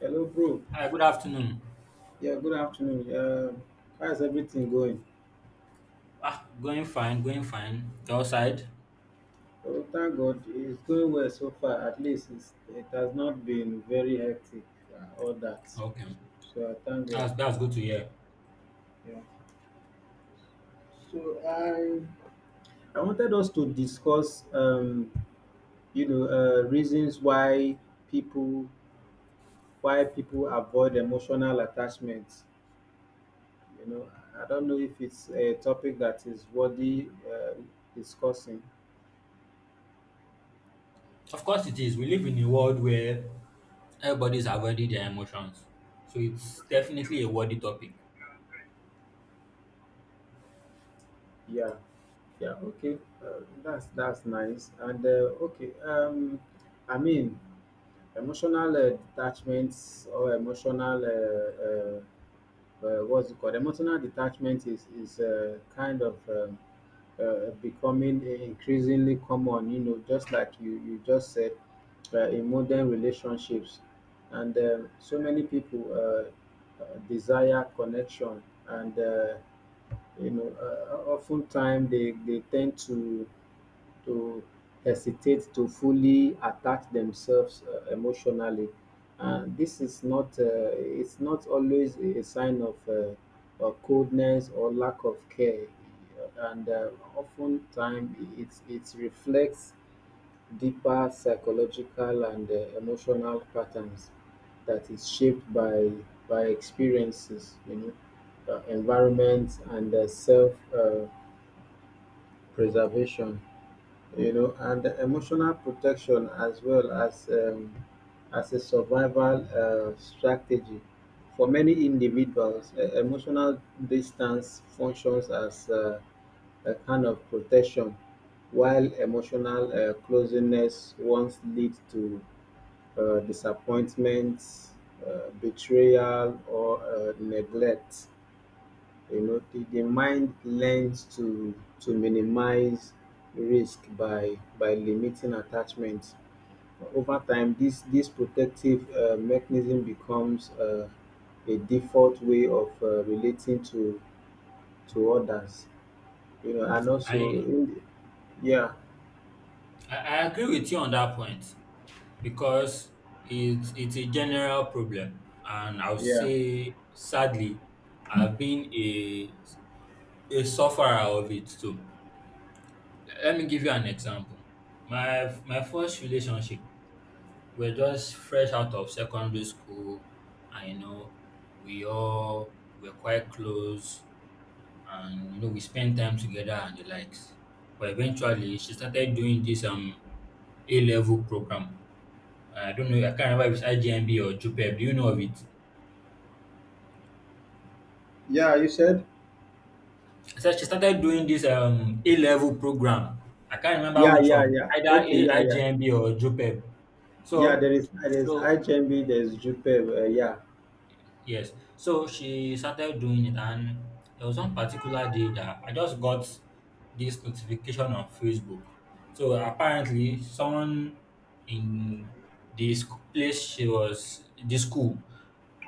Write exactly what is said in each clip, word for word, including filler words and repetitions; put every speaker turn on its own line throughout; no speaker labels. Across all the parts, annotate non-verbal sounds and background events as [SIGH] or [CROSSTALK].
Hello, bro.
Hi, good afternoon.
Yeah, good afternoon. Uh, how's everything going?
Ah, going fine, going fine. Your side?
Oh, thank God, it's going well so far. At least it's, it has not been very hectic, uh, all that.
Okay.
So I thank God.
That's that's good to hear.
Yeah. So I I wanted us to discuss, um, you know, uh, reasons why people why people avoid emotional attachment. You know, I don't know if it's a topic that is worthy uh, discussing.
Of course it is. We live in a world where everybody's avoiding their emotions. So it's definitely a worthy topic.
Yeah, yeah, okay. Uh, that's that's nice. And uh, okay, um, I mean, emotional uh, detachments or emotional uh, uh, uh, what's it called? Emotional detachment is is uh, kind of um, uh, becoming increasingly common. You know, just like you you just said, uh, in modern relationships, and um, so many people uh, uh, desire connection and. Uh, you know, uh, Oftentimes they, they tend to to hesitate to fully attach themselves uh, emotionally, and this is not uh, it's not always a a sign of uh, of coldness or lack of care, and uh, oftentimes it it reflects deeper psychological and uh, emotional patterns that is shaped by by experiences, you know, uh, environment and uh, self uh, preservation, you know, and emotional protection as well as um, as a survival uh, strategy. For many individuals, uh, emotional distance functions as uh, a kind of protection, while emotional uh, closeness once leads to uh, disappointment, uh, betrayal, or uh, neglect. You know, the, the mind learns to to minimize risk by by limiting attachment. Over time, this this protective uh, mechanism becomes uh, a default way of uh, relating to to others. You know, and also,
I
in yeah,
I, I agree with you on that point because it's it's a general problem. And I'll
yeah,
say sadly, I've been a a sufferer of it too. Let me give you an example. My my first relationship, we're just fresh out of secondary school, and you know, we all were quite close, and you know, we spent time together and the likes. But eventually she started doing this um a level program. I don't know, I can't remember if it's I G M B or J U P E P. Do you know of it?
yeah. You said,
I said she started doing this um a level program. I can't remember
yeah,
which
yeah,
one
yeah.
either,
Okay,
A-
yeah, yeah.
I G M B or JUPEP.
Yeah, there
so
is there is
so
H M B, there is Jupe. Uh, yeah.
Yes. So she started doing it, and there was one particular day that I just got this notification on Facebook. So apparently, someone in this place she was, this school,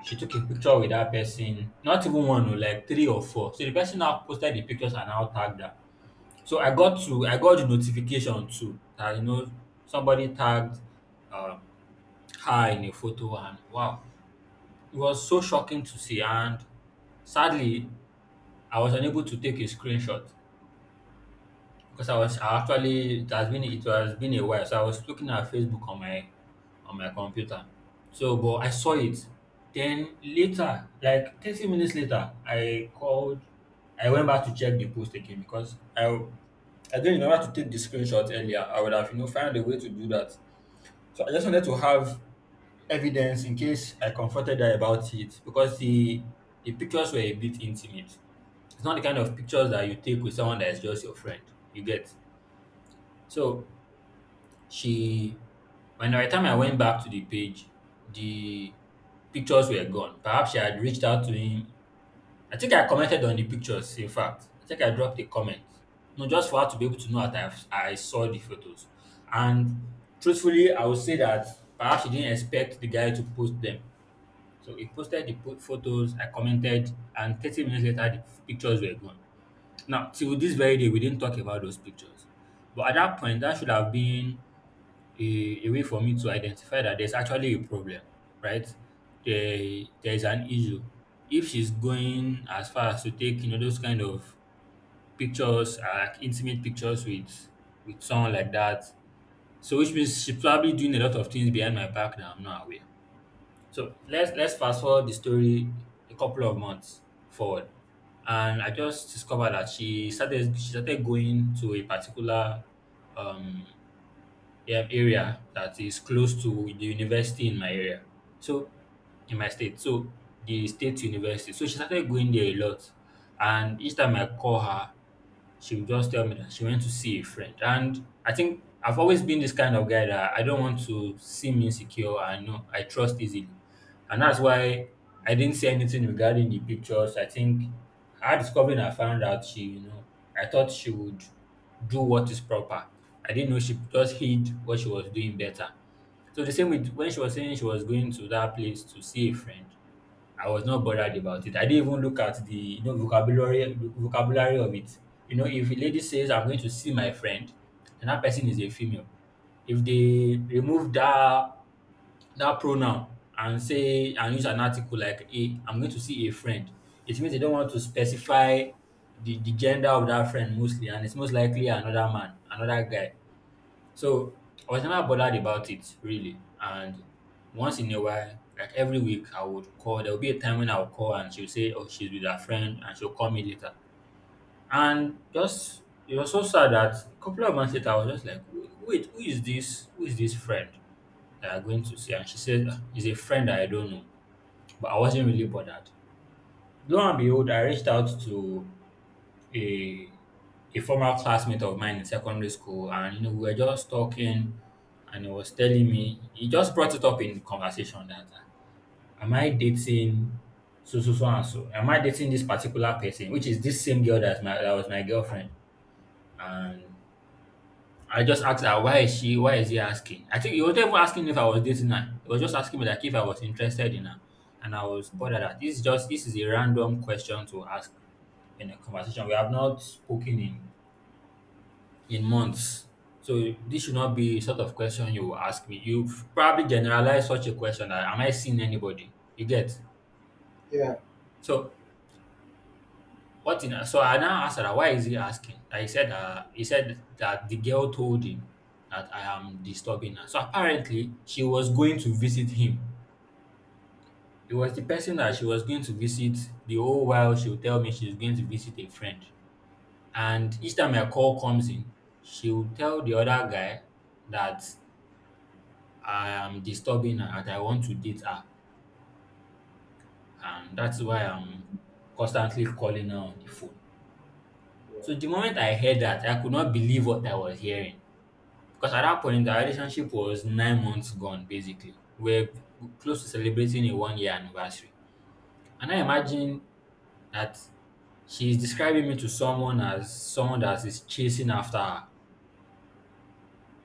she took a picture with that person. Not even one, oh, like three or four. So the person now posted the pictures and now tagged her. So I got to, I got the notification too that you know somebody tagged um, her in a photo, and wow, it was so shocking to see. And sadly, I was unable to take a screenshot because I was I actually, it has been it has been a while, so I was looking at Facebook on my on my computer. So, but I saw it. Then later, like thirty minutes later, I called. I went back to check the post again because I I didn't remember to take the screenshot earlier. I would have you know found a way to do that. So I just wanted to have evidence in case I confronted her about it, because the the pictures were a bit intimate. It's not the kind of pictures that you take with someone that is just your friend. You get. So she when by the time I went back to the page, the pictures were gone. Perhaps she had reached out to him. I think I commented on the pictures, in fact. I think I dropped a comment. No, just for her to be able to know that I've, I saw the photos. And truthfully, I would say that perhaps she didn't expect the guy to post them. So he posted the po- photos, I commented, and thirty minutes later, the pictures were gone. Now, till this very day, we didn't talk about those pictures. But at that point, that should have been a, a way for me to identify that there's actually a problem, right? There, there's an issue. If she's going as far as to take, you know, those kind of pictures, uh, like intimate pictures with with someone like that, so which means she's probably doing a lot of things behind my back that I'm not aware. So let's let's fast forward the story a couple of months forward, and I just discovered that she started she started going to a particular um a- area that is close to the university in my area. So in my state, so the state university. So she started going there a lot, and each time I call her, she would just tell me that she went to see a friend. And I think I've always been this kind of guy that I don't want to seem insecure. I know I trust easily. And that's why I didn't say anything regarding the pictures. I think her discovering I found out she, you know, I thought she would do what is proper. I didn't know she just hid what she was doing better. So the same with when she was saying she was going to that place to see a friend. I was not bothered about it. I didn't even look at the you know vocabulary vocabulary of it. You know, if a lady says, "I'm going to see my friend," and that person is a female, if they remove that that pronoun and say and use an article like "a," "I'm going to see a friend," it means they don't want to specify the, the gender of that friend mostly, and it's most likely another man, another guy. So I was never bothered about it really. And once in a while, like every week, I would call. There will be a time when I would call and she would say, "Oh, she's with her friend and she'll call me later." And just it was so sad that a couple of months later I was just like, "Wait, wait, who is this? Who is this friend that I'm going to see?" And she said, "Ah, he's a friend that I don't know." But I wasn't really bothered. Lo and behold, I reached out to a a former classmate of mine in secondary school, and you know, we were just talking, and he was telling me, he just brought it up in conversation, that uh, am I dating so so so and so am I dating this particular person, which is this same girl that's my that was my girlfriend. And I just asked her, why is she why is he asking? I think he was not even asking if I was dating her, he was just asking me like if I was interested in her. And I was bothered that this is just this is a random question to ask in a conversation. We have not spoken in in months. So this should not be sort of question you will ask me. You probably generalize such a question that am I seeing anybody? You get.
Yeah,
So what in so I now asked her that, why is he asking? That he said uh, he said that the girl told him that I am disturbing her. So apparently she was going to visit him. It was the person that she was going to visit the whole while she would tell me she's going to visit a friend. And each time a call comes in, she would tell the other guy that I am disturbing her, that I want to date her, and that's why I'm constantly calling her on the phone.
yeah,
So the moment I heard that, I could not believe what I was hearing because at that point, our relationship was nine months gone basically. We're close to celebrating a one year anniversary. And I imagine that she's describing me to someone as someone that is chasing after her.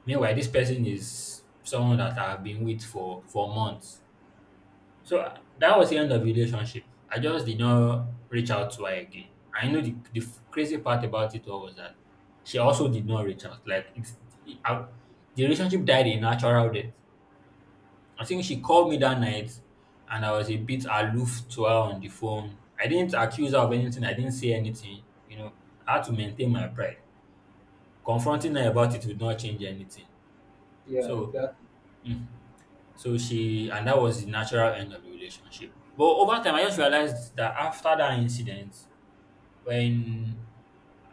Meanwhile, this person is someone that I've been with for, for months. So uh, that was the end of the relationship. I just did not reach out to her again. I know the, the f- crazy part about it all was that she also did not reach out. Like it's it, I, the relationship died a natural death. I think she called me that night, and I was a bit aloof to her on the phone. I didn't accuse her of anything. I didn't say anything. You know, I had to maintain my pride. Confronting her about it would not change anything.
yeah,
So.
exactly.
mm, So she and that was the natural end of the relationship. But over time, I just realized that after that incident, when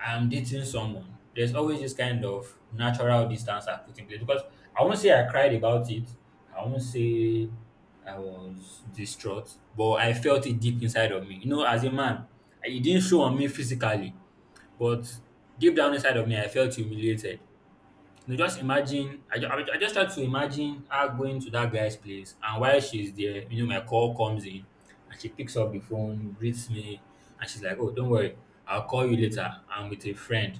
I'm dating someone, there's always this kind of natural distance I put in place, because I won't say I cried about it. I won't say I was distraught, but I felt it deep inside of me. You know, as a man, it didn't show on me physically, but deep down inside of me, I felt humiliated. No, just imagine. I, ju- I, ju- I just try to imagine her going to that guy's place, and while she's there, you know, my call comes in, and she picks up the phone, greets me, and she's like, "Oh, don't worry, I'll call you later. I'm with a friend."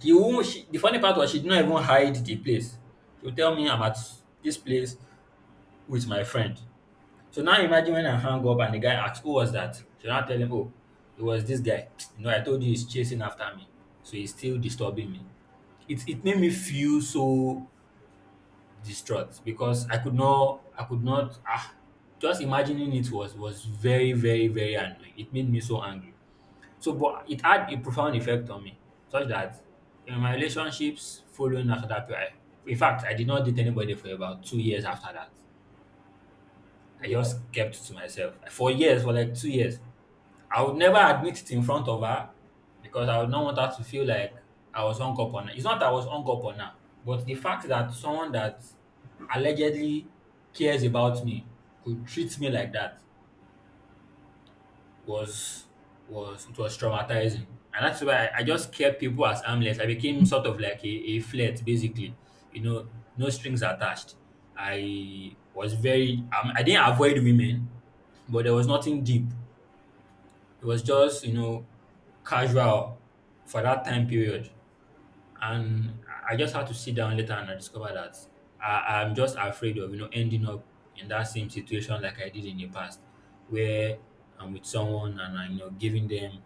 The woman, she, the funny part was she did not even hide the place. She would tell me, "I'm at this place with my friend." So now imagine when I hang up and the guy asks, "Who was that?" She now tell him, "Oh, it was this guy. [TSK] You know, I told you he's chasing after me, so he's still disturbing me." It it made me feel so distraught because I could not, I could not, ah, just imagining it was was very, very, very annoying. It made me so angry. So, but it had a profound effect on me, such that in my relationships following after that period, in fact, I did not date anybody for about two years after that. I
Wow.
just kept to myself for years, for like two years. I would never admit it in front of her because I would not want her to feel like I was hung up on her. It's not that I was hung up on her, but the fact that someone that allegedly cares about me could treat me like that was was it was traumatizing. And that's why I, I just kept people as harmless. I became sort of like a, a flirt basically. You know, no strings attached. I was very um, I didn't avoid women, but there was nothing deep. It was just, you know, casual for that time period. And I I just had to sit down later, and I discovered that I, I'm just afraid of, you know, ending up in that same situation like I did in the past, where I'm with someone and I'm, you know, giving them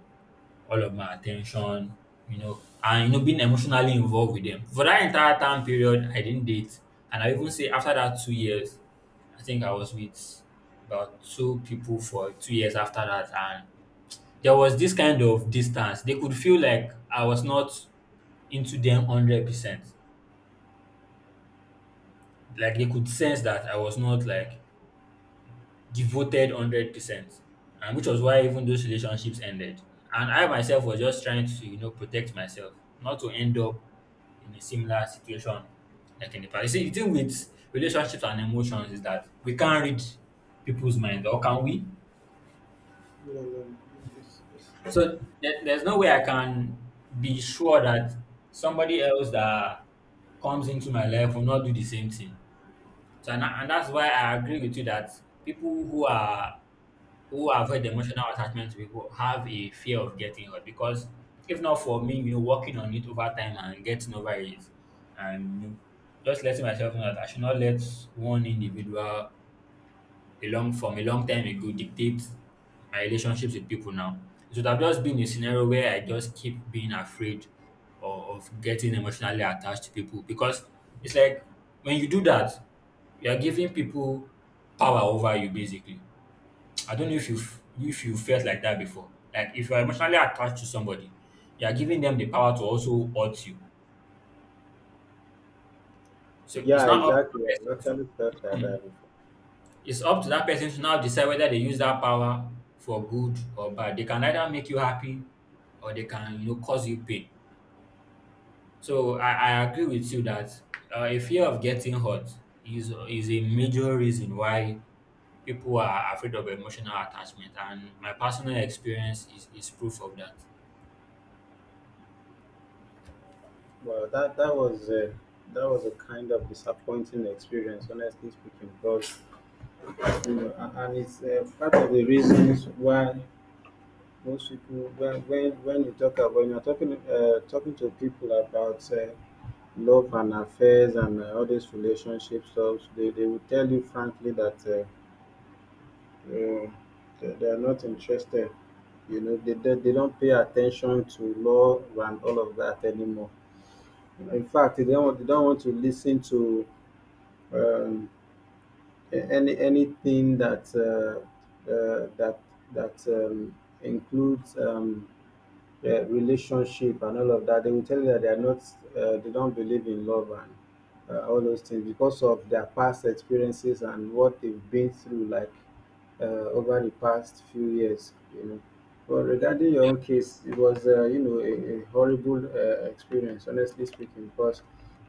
all of my attention, you know, and, you know, being emotionally involved with them. For that entire time period, I didn't date. And I even say after that two years, I think I was with about two people for two years after that. And there was this kind of distance. They could feel like I was not into them one hundred percent. Like they could sense that I was not like devoted one hundred percent. And which was why even those relationships ended. And I myself was just trying to, you know, protect myself, not to end up in a similar situation like in the past. You see, the thing with relationships and emotions is that we can't read people's minds, or can we?
You know, um, it's, it's,
So there, there's no way I can be sure that somebody else that comes into my life will not do the same thing. So and, and that's why I agree with you that people who are who avoid emotional attachment to people have a fear of getting hurt. Because if not for me, you know, working on it over time and getting over it and you know, just letting myself know that I should not let one individual a long from a long time ago dictates my relationships with people now. So it would have just been a scenario where I just keep being afraid of, of getting emotionally attached to people, because it's like when you do that, you are giving people power over you basically. I don't know if you if you felt like that before. Like if you are emotionally attached to somebody, you are giving them the power to also hurt you. So it's
Yeah,
not up to
exactly. I actually
the
felt like
person.
that before.
It's up to that person to now decide whether they use that power for good or bad. They can either make you happy or they can, you know, cause you pain. So I, I agree with you that uh, a fear of getting hurt is is a major reason why people are afraid of emotional attachment, and my personal experience is, is proof of that.
Well, that that was a, that was a kind of disappointing experience, honestly speaking. Because you know, a- and it's uh, part of the reasons why most people, when when, when you talk about when you're talking uh, talking to people about uh, love and affairs and uh, all these relationship stuff, they, they will tell you frankly that uh, uh, they, they are not interested. You know, they, they, they don't pay attention to love and all of that anymore. In fact, they don't, want- they don't want to listen to um, a- any anything that uh, uh, that that um, includes. Um, uh, relationship and all of that, they will tell you that they are not, uh, they don't believe in love and uh, all those things because of their past experiences and what they've been through, like uh, over the past few years, you know. But regarding your own case, it was, uh, you know, a, a horrible uh, experience, honestly speaking, because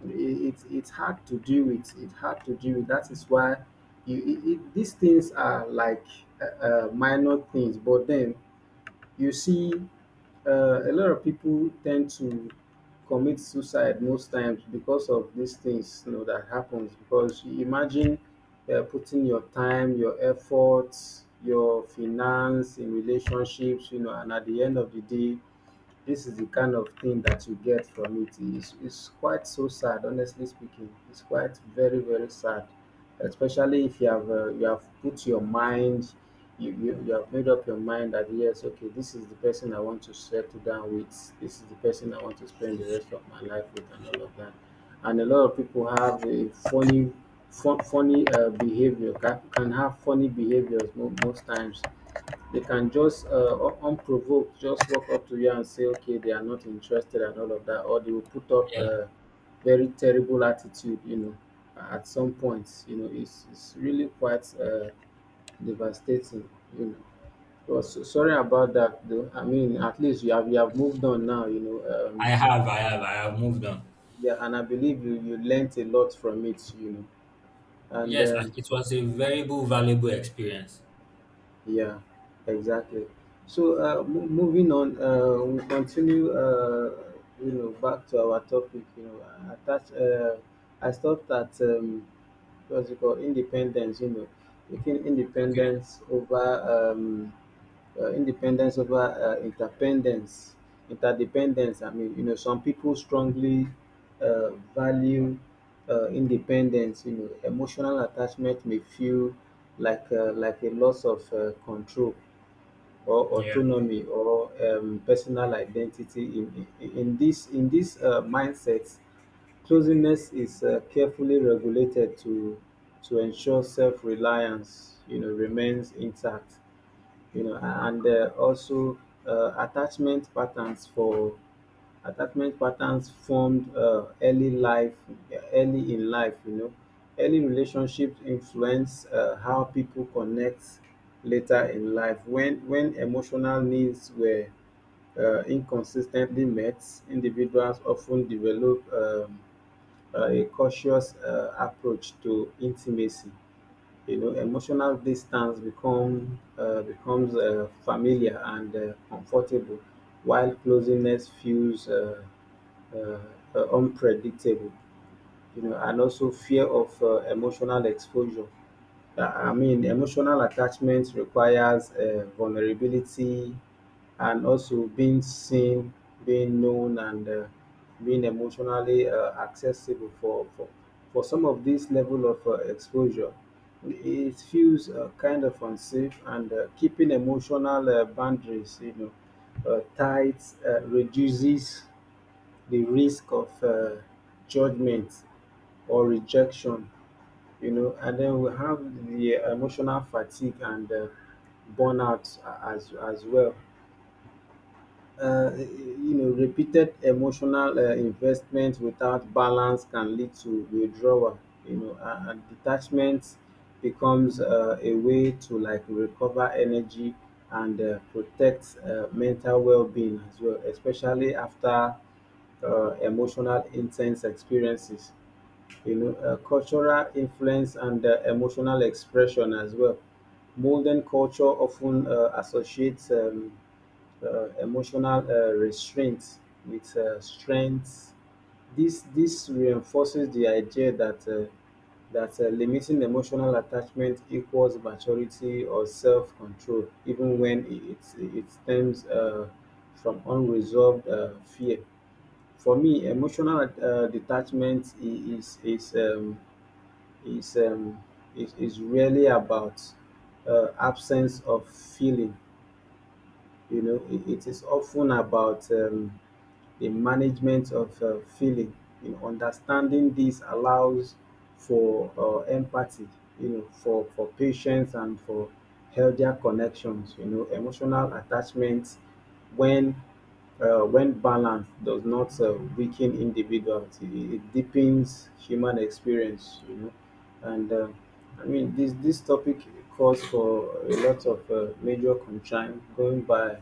it, it, it's hard to deal with. It's hard to deal with. That is why you, it, it, these things are like uh, uh, minor things, but then you see uh, a lot of people tend to commit suicide most times because of these things you know that happens because you imagine uh, putting your time your efforts your finance in relationships you know and at the end of the day this is the kind of thing that you get from it. It's, it's quite so sad, honestly speaking. It's quite very, very sad, especially if you have uh, you have put your mind, you, you you have made up your mind that yes, okay, this is the person I want to settle down with. This is the person I want to spend the rest of my life with, and all of that. And a lot of people have a funny, fun, funny uh, behavior. Can, can have funny behaviors mo- most times they can just uh, un- unprovoked just walk up to you and say, okay, they are not interested and all of that, or they will put up
Yeah,
a very terrible attitude, you know, at some points, you know, it's, it's really quite uh, devastating, you know. Well, so, sorry about that, though. I mean, at least you have you have moved on now, you know.
I
Um,
have, I have, I have moved on.
yeah, and I believe you you learnt a lot from it, you know. And
Yes, I-
um,
it was a very valuable experience.
yeah, exactly. So uh, mo- moving on, uh, we'll continue. Uh, you know, back to our topic. You know, I attach. Uh, I thought that um, what's it called? Independence. You know, taking
Okay.
independence over. Um, uh, independence over uh, interdependence. Interdependence. I mean, you know, some people strongly uh, value uh, independence. You know, emotional attachment may feel like uh, like a loss of uh, control or
Yeah.
autonomy or um, personal identity. In, in in this in this uh, mindset, closeness is uh, carefully regulated to to ensure self-reliance. You know, remains intact you know and uh, also uh, attachment patterns for attachment patterns formed uh, early life early in life you know early relationships influence uh, how people connect later in life when when emotional needs were uh, inconsistently met individuals often develop um, a cautious uh, approach to intimacy you know emotional distance become uh, becomes uh, familiar and uh, comfortable while closeness feels uh, uh, uh, unpredictable you know, and also fear of uh, emotional exposure. Uh, I mean, emotional attachment requires uh, vulnerability and also being seen, being known, and uh, being emotionally uh, accessible for, for for some of this level of uh, exposure. It feels uh, kind of unsafe, and uh, keeping emotional uh, boundaries, you know, uh, tight uh, reduces the risk of uh, judgment or rejection, you know, and then we have the emotional fatigue and uh, burnout as as well. Uh, you know, repeated emotional uh, investment without balance can lead to withdrawal. You know, a- and detachment becomes uh, a way to like recover energy and uh, protect uh, mental well-being as well, especially after uh, emotional intense experiences you know, uh, cultural influence and uh, emotional expression as well. Modern culture often uh, associates um, uh, emotional uh, restraint with uh, strength. This this reinforces the idea that uh, that uh, limiting emotional attachment equals maturity or self-control, even when it it, it stems uh, from unresolved uh, fear. For me, emotional uh, detachment I- is is um, is um is, is really about uh, absence of feeling you know it, it is often about um, the management of uh, feeling. You know, understanding this allows for uh, empathy. You know, for for patience and for healthier connections. You know, emotional attachment when uh, when balance does not uh, weaken individuality, it, it deepens human experience. You know, and uh, I mean this this topic calls for a lot of uh, major concern going by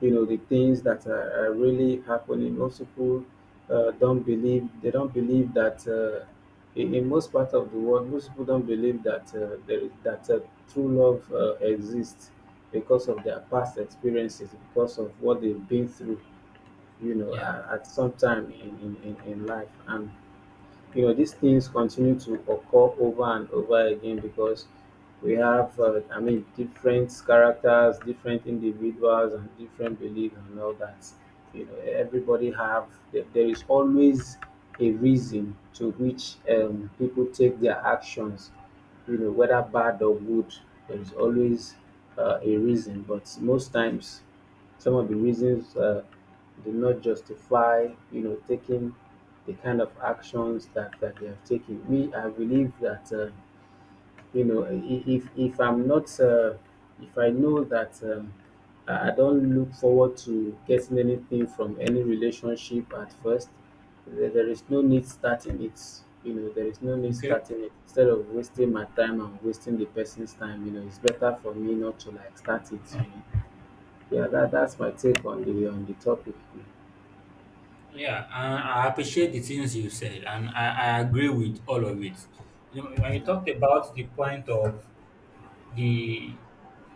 you know the things that are, are really happening most people uh, don't believe they don't believe that uh, in, in most part of the world most people don't believe that uh, there, that uh, true love uh, exists because of their past experiences because of what they've been through you know
Yeah.
uh, at some time in, in, in in life and you know these things continue to occur over and over again because we have uh, I mean different characters different individuals and different beliefs and all that you know everybody have there there is always a reason to which um, people take their actions you know whether bad or good there is always uh, a reason but most times some of the reasons uh, do not justify you know taking the kind of actions that, that they have taken. We, I believe that, uh, you know, i- if, if I'm not, uh, if I know that um, I I don't look forward to getting anything from any relationship at first, there, there is no need starting it. You know, there is no need
Okay.
starting it. Instead of wasting my time and wasting the person's time, you know, it's better for me not to like start it. You know? Yeah, that, that's my take on the on the topic.
Yeah, and I appreciate the things you said, and I, I agree with all of it. You know, when you talked about the point of the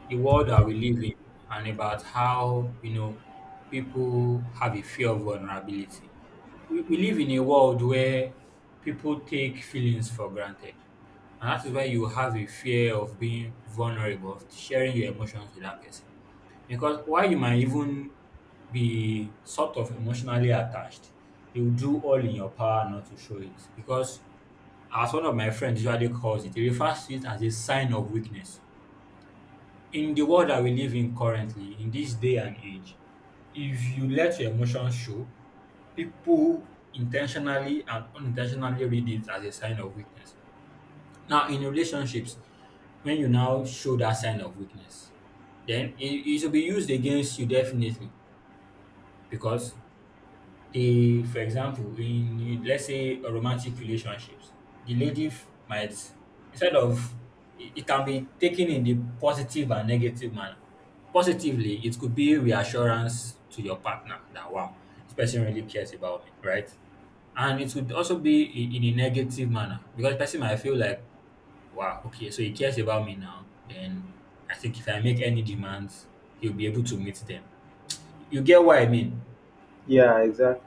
the world that we live in, and about how you know people have a fear of vulnerability, we, we live in a world where people take feelings for granted, and that is why you have a fear of being vulnerable, of sharing your emotions with that person. Because while you might even be sort of emotionally attached, you do all in your power not to show it. Because as one of my friends usually calls it, he refers to it as a sign of weakness. In the world that we live in currently, in this day and age, if you let your emotions show, people intentionally and unintentionally read it as a sign of weakness. Now, in relationships, when you now show that sign of weakness, then it, it will be used against you definitely. Because the, for example, in, let's say, a romantic relationships, the lady f- might, instead of, it it can be taken in the positive and negative manner. Positively, it could be reassurance to your partner that, wow, this person really cares about me, right? And it would also be i- in a negative manner, because the person might feel like, wow, okay, so he cares about me now, then I think if I make any demands, he'll be able to meet them. You get what I mean?
Yeah, exactly.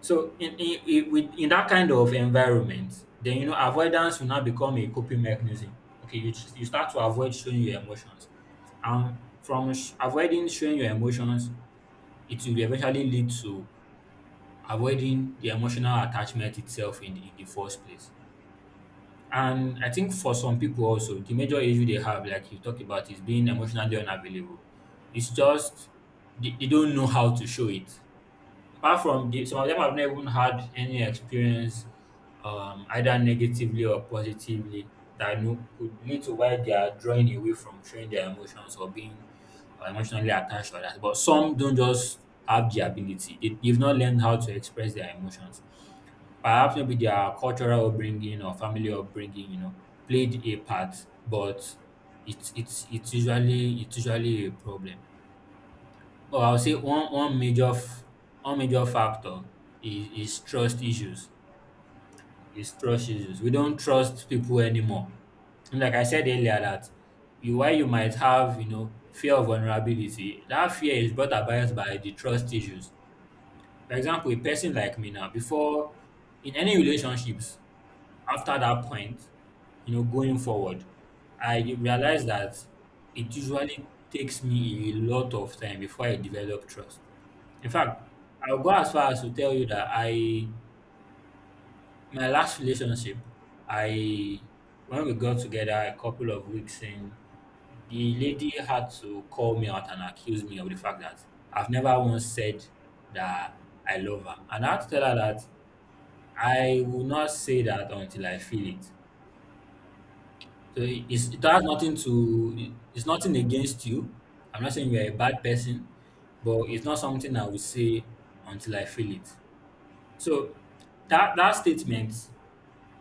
So in in in with in that kind of environment, then you know avoidance will now become a coping mechanism. Okay, you just- you start to avoid showing your emotions, and from sh- avoiding showing your emotions, it will eventually lead to avoiding the emotional attachment itself in the, in the first place. And I think for some people also, the major issue they have, like you talk about, is being emotionally unavailable. It's just they, they don't know how to show it. Apart from the some of them have not even had any experience um either negatively or positively that you could lead to why they are drawing away from showing their emotions or being uh, emotionally attached or that. But some don't just have the ability. They, they've not learned how to express their emotions. Perhaps maybe their cultural upbringing or family upbringing, you know, played a part, but it's it's it's usually it's usually a problem. Well, I'll say one one major f- one major factor is, is trust issues. Is trust issues. We don't trust people anymore. And like I said earlier, that you while you might have you know fear of vulnerability, that fear is brought about by the trust issues. For example, a person like me now, before, in any relationships, after that point, you know, going forward, I realize that it usually takes me a lot of time before I develop trust. In fact, I'll go as far as to tell you that I, my last relationship, I, when we got together a couple of weeks in, the lady had to call me out and accuse me of the fact that I've never once said that I love her. And I had to tell her that I will not say that until I feel it. So it- it's, it has nothing to, it's nothing against you. I'm not saying you're a bad person, but it's not something I will say until I feel it. So that that statement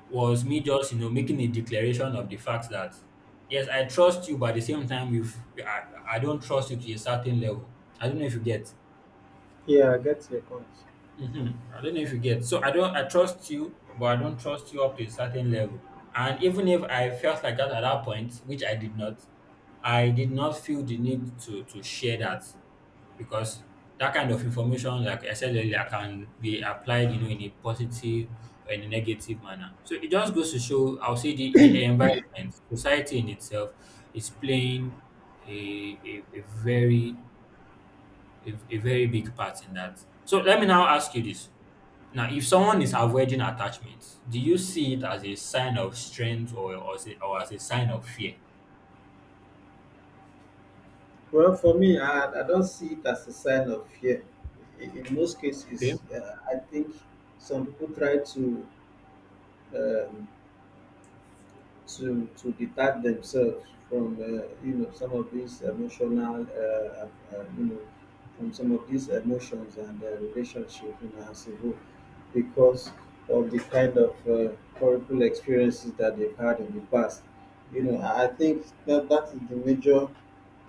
was me just you know making a declaration of the fact that yes, I trust you, but at the same time, if I, I don't trust you to a certain level, I don't know if you get. Mhm. I don't know if you get. So I don't. I trust you, but I don't trust you up to a certain level. And even if I felt like that at that point, which I did not, I did not feel the need to to share that, because that kind of information, like I said earlier, can be applied, you know, in a positive or in a negative manner. So it just goes to show, I'll say the, the environment, society in itself is playing a, a, a very a, a very big part in that. So let me now ask you this. Now, if someone is avoiding attachments, do you see it as a sign of strength, or or as a, or as a sign of fear?
Well, for me, I, I don't see it as a sign of fear. In, in most
Okay.
cases, uh, I think some people try to um, to to detach themselves from uh, you know some of these emotional uh, uh, uh, you know from some of these emotions and uh, relationship you know as a whole because of the kind of uh, horrible experiences that they've had in the past you know i I think that that is the major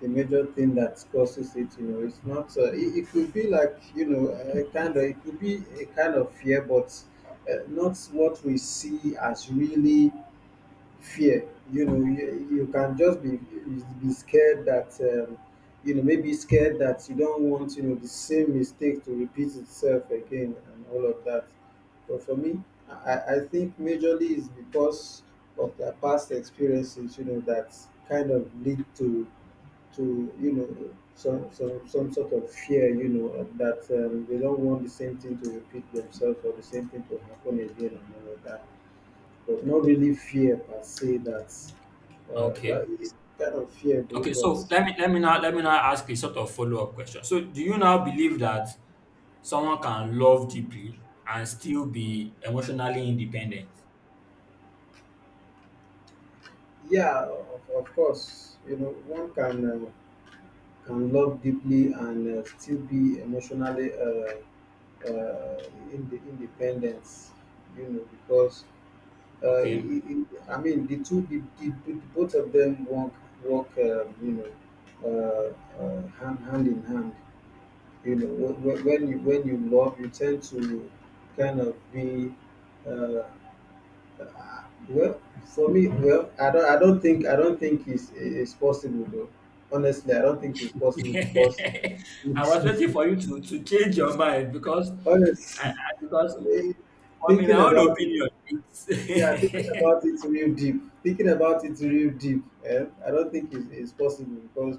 the major thing that causes it you know it's not uh, it, it could be like you know a kind of it could be a kind of fear but uh, not what we see as really fear. You know, you, you can just be be scared that um, you know, maybe scared that you don't want, you know the same mistake to repeat itself again and all of that. But for me, I, I I think majorly is because of their past experiences. You know, that kind of lead to to you know, some some some sort of fear. You know, and that um, they don't want the same thing to repeat themselves or the same thing to happen again and all of that, but not really fear per se. That uh, well,
Okay.
it's kind of fear though.
Okay.
But
So let me let me now let me now ask a sort of follow up question. So do you now believe that someone can love deeply and still be emotionally independent?
yeah, of, of course, you know, one can uh, can love deeply and uh, still be emotionally uh, uh, in the independence, you know, because uh, it,
Okay.
it, I mean the two, the, the, the both of them work work, um, you know, uh, uh, hand hand in hand. You know, when, when when you, when you love, you tend to kind of be uh, uh, well. For me, well, I don't I don't think I don't think it's it's possible though. Honestly, I don't think it's possible because
[LAUGHS] I was waiting for you to to change your mind because I,
honestly,
I because
[LAUGHS]
I mean my
thinking
own
about it.
opinion it's
Yeah, thinking about it real deep. Thinking about it real deep. Eh? I don't think it's, it's possible because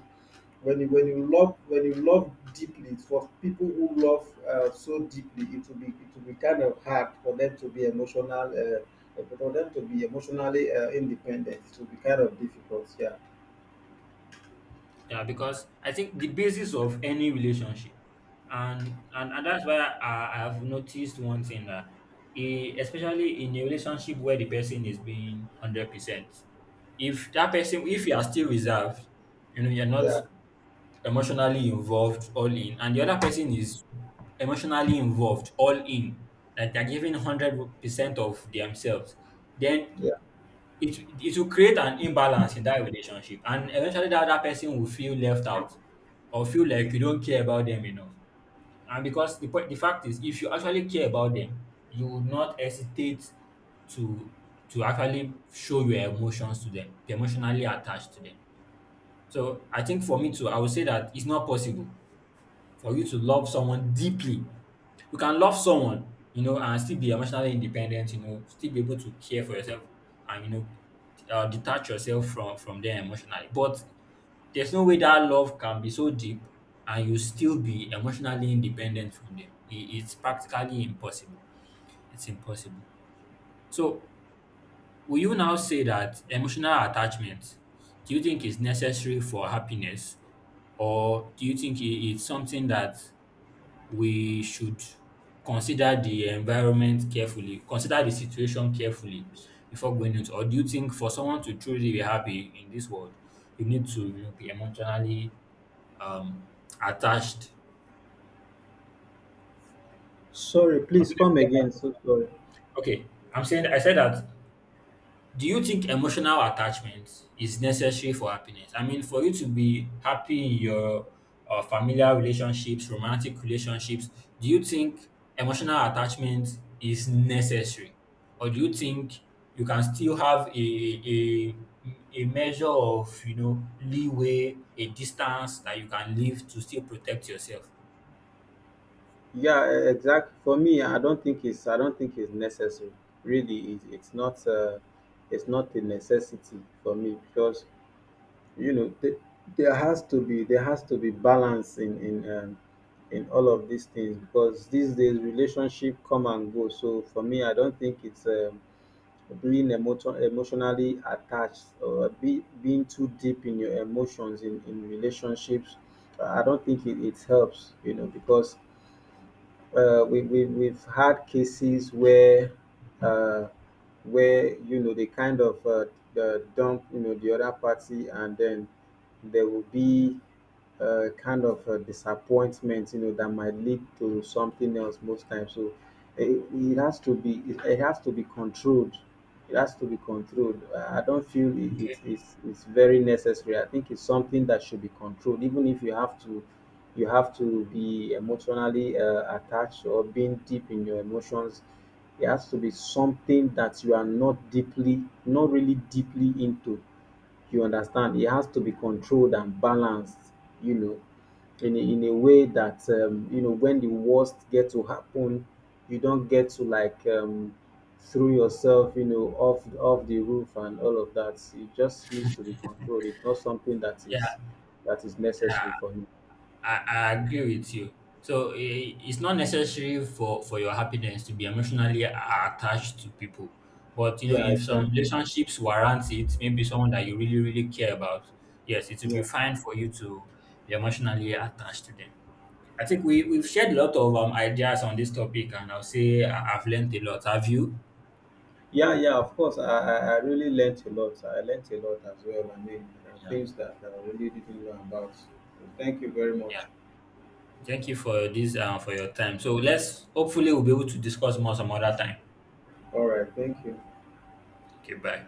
when you when you love when you love deeply. For people who love uh, so deeply, it will be, it will be kind of hard for them to be emotional. Uh, for them to be emotionally uh, independent, it will be kind of difficult. Yeah,
[LAUGHS] yeah because I think the basis of any relationship and and, and that's why I, I have noticed one thing, that eh, especially in a relationship where the person is being hundred percent, if that person if you are still reserved, you know you're not
yeah,
emotionally involved, all in, and the other person is emotionally involved, all in, like they're giving hundred percent of themselves, then
yeah.
it it will create an imbalance in that relationship, and eventually that other person will feel left out or feel like you don't care about them enough. And because the point, the fact is, if you actually care about them, you would not hesitate to to actually show your emotions to them, be emotionally attached to them. So I think for me too, I would say that it's not possible for you to love someone deeply. You can love someone, you know, and still be emotionally independent, you know, still be able to care for yourself and, you know, uh, detach yourself from, from them emotionally. But there's no way that love can be so deep and you still be emotionally independent from them. I- it's practically impossible. It's impossible. So, will you now say that emotional attachment, do you think is necessary for happiness? Or do you think i- it's something that we should consider the environment carefully, consider the situation carefully before going into? Or do you think for someone to truly be happy in this world, you need to you know, be emotionally um, attached?
Sorry,
I don't
please
know if
come
you get my
again.
question.
So sorry.
Okay, I'm saying I said that, do you think emotional attachment is necessary for happiness? I mean, for you to be happy in your uh, familiar relationships, romantic relationships, do you think emotional attachment is necessary? Or do you think you can still have a, a, a measure of, you know, leeway, a distance that you can leave to still protect yourself?
Yeah, e- exactly. For me, I don't think it's I don't think it's necessary. Really, it, it's not uh, it's not a necessity for me because you know, th- there has to be, there has to be balance in in um, in all of these things, because these days relationship come and go. So for me, I don't think it's um, being emotion emotionally attached or be, being too deep in your emotions in in relationships. I don't think it, it helps. You know, because uh, we, we, we've had cases where uh, where you know, they kind of uh, uh, dump, you know, the other party, and then there will be uh, kind of a disappointment, you know, that might lead to something else most times. So it, it has to be, it, it has to be controlled. It has to be controlled. Uh, I don't feel it,
Okay.
it's it's it's very necessary. I think it's something that should be controlled. Even if you have to, you have to be emotionally uh, attached or being deep in your emotions, it has to be something that you are not deeply, not really deeply into. You understand? It has to be controlled and balanced. You know, in a, in a way that um, you know, when the worst get to happen, you don't get to like um, threw yourself, you know, off off the roof and all of that. It just needs to be controlled. It's not something that is
Yeah,
that is necessary for him.
I, I agree with you. So i- it's not necessary for, for your happiness to be emotionally a- attached to people. But you know,
Yeah,
if some
exactly.
relationships warrant it, maybe someone that you really, really care about, yes, it will be
Yeah.
fine for you to be emotionally attached to them. I think we, we've shared a lot of um, ideas on this topic, and I'll say I- I've learned a lot. Have you?
Yeah, yeah, of course. I, I, I really learnt a lot. I learnt a lot as well. I mean, there are
Yeah.
things that I really didn't know about. So thank you very much.
Yeah. Thank you for this uh, for your time. So let's hopefully we'll be able to discuss more some other time.
All right, thank you.
Okay, bye.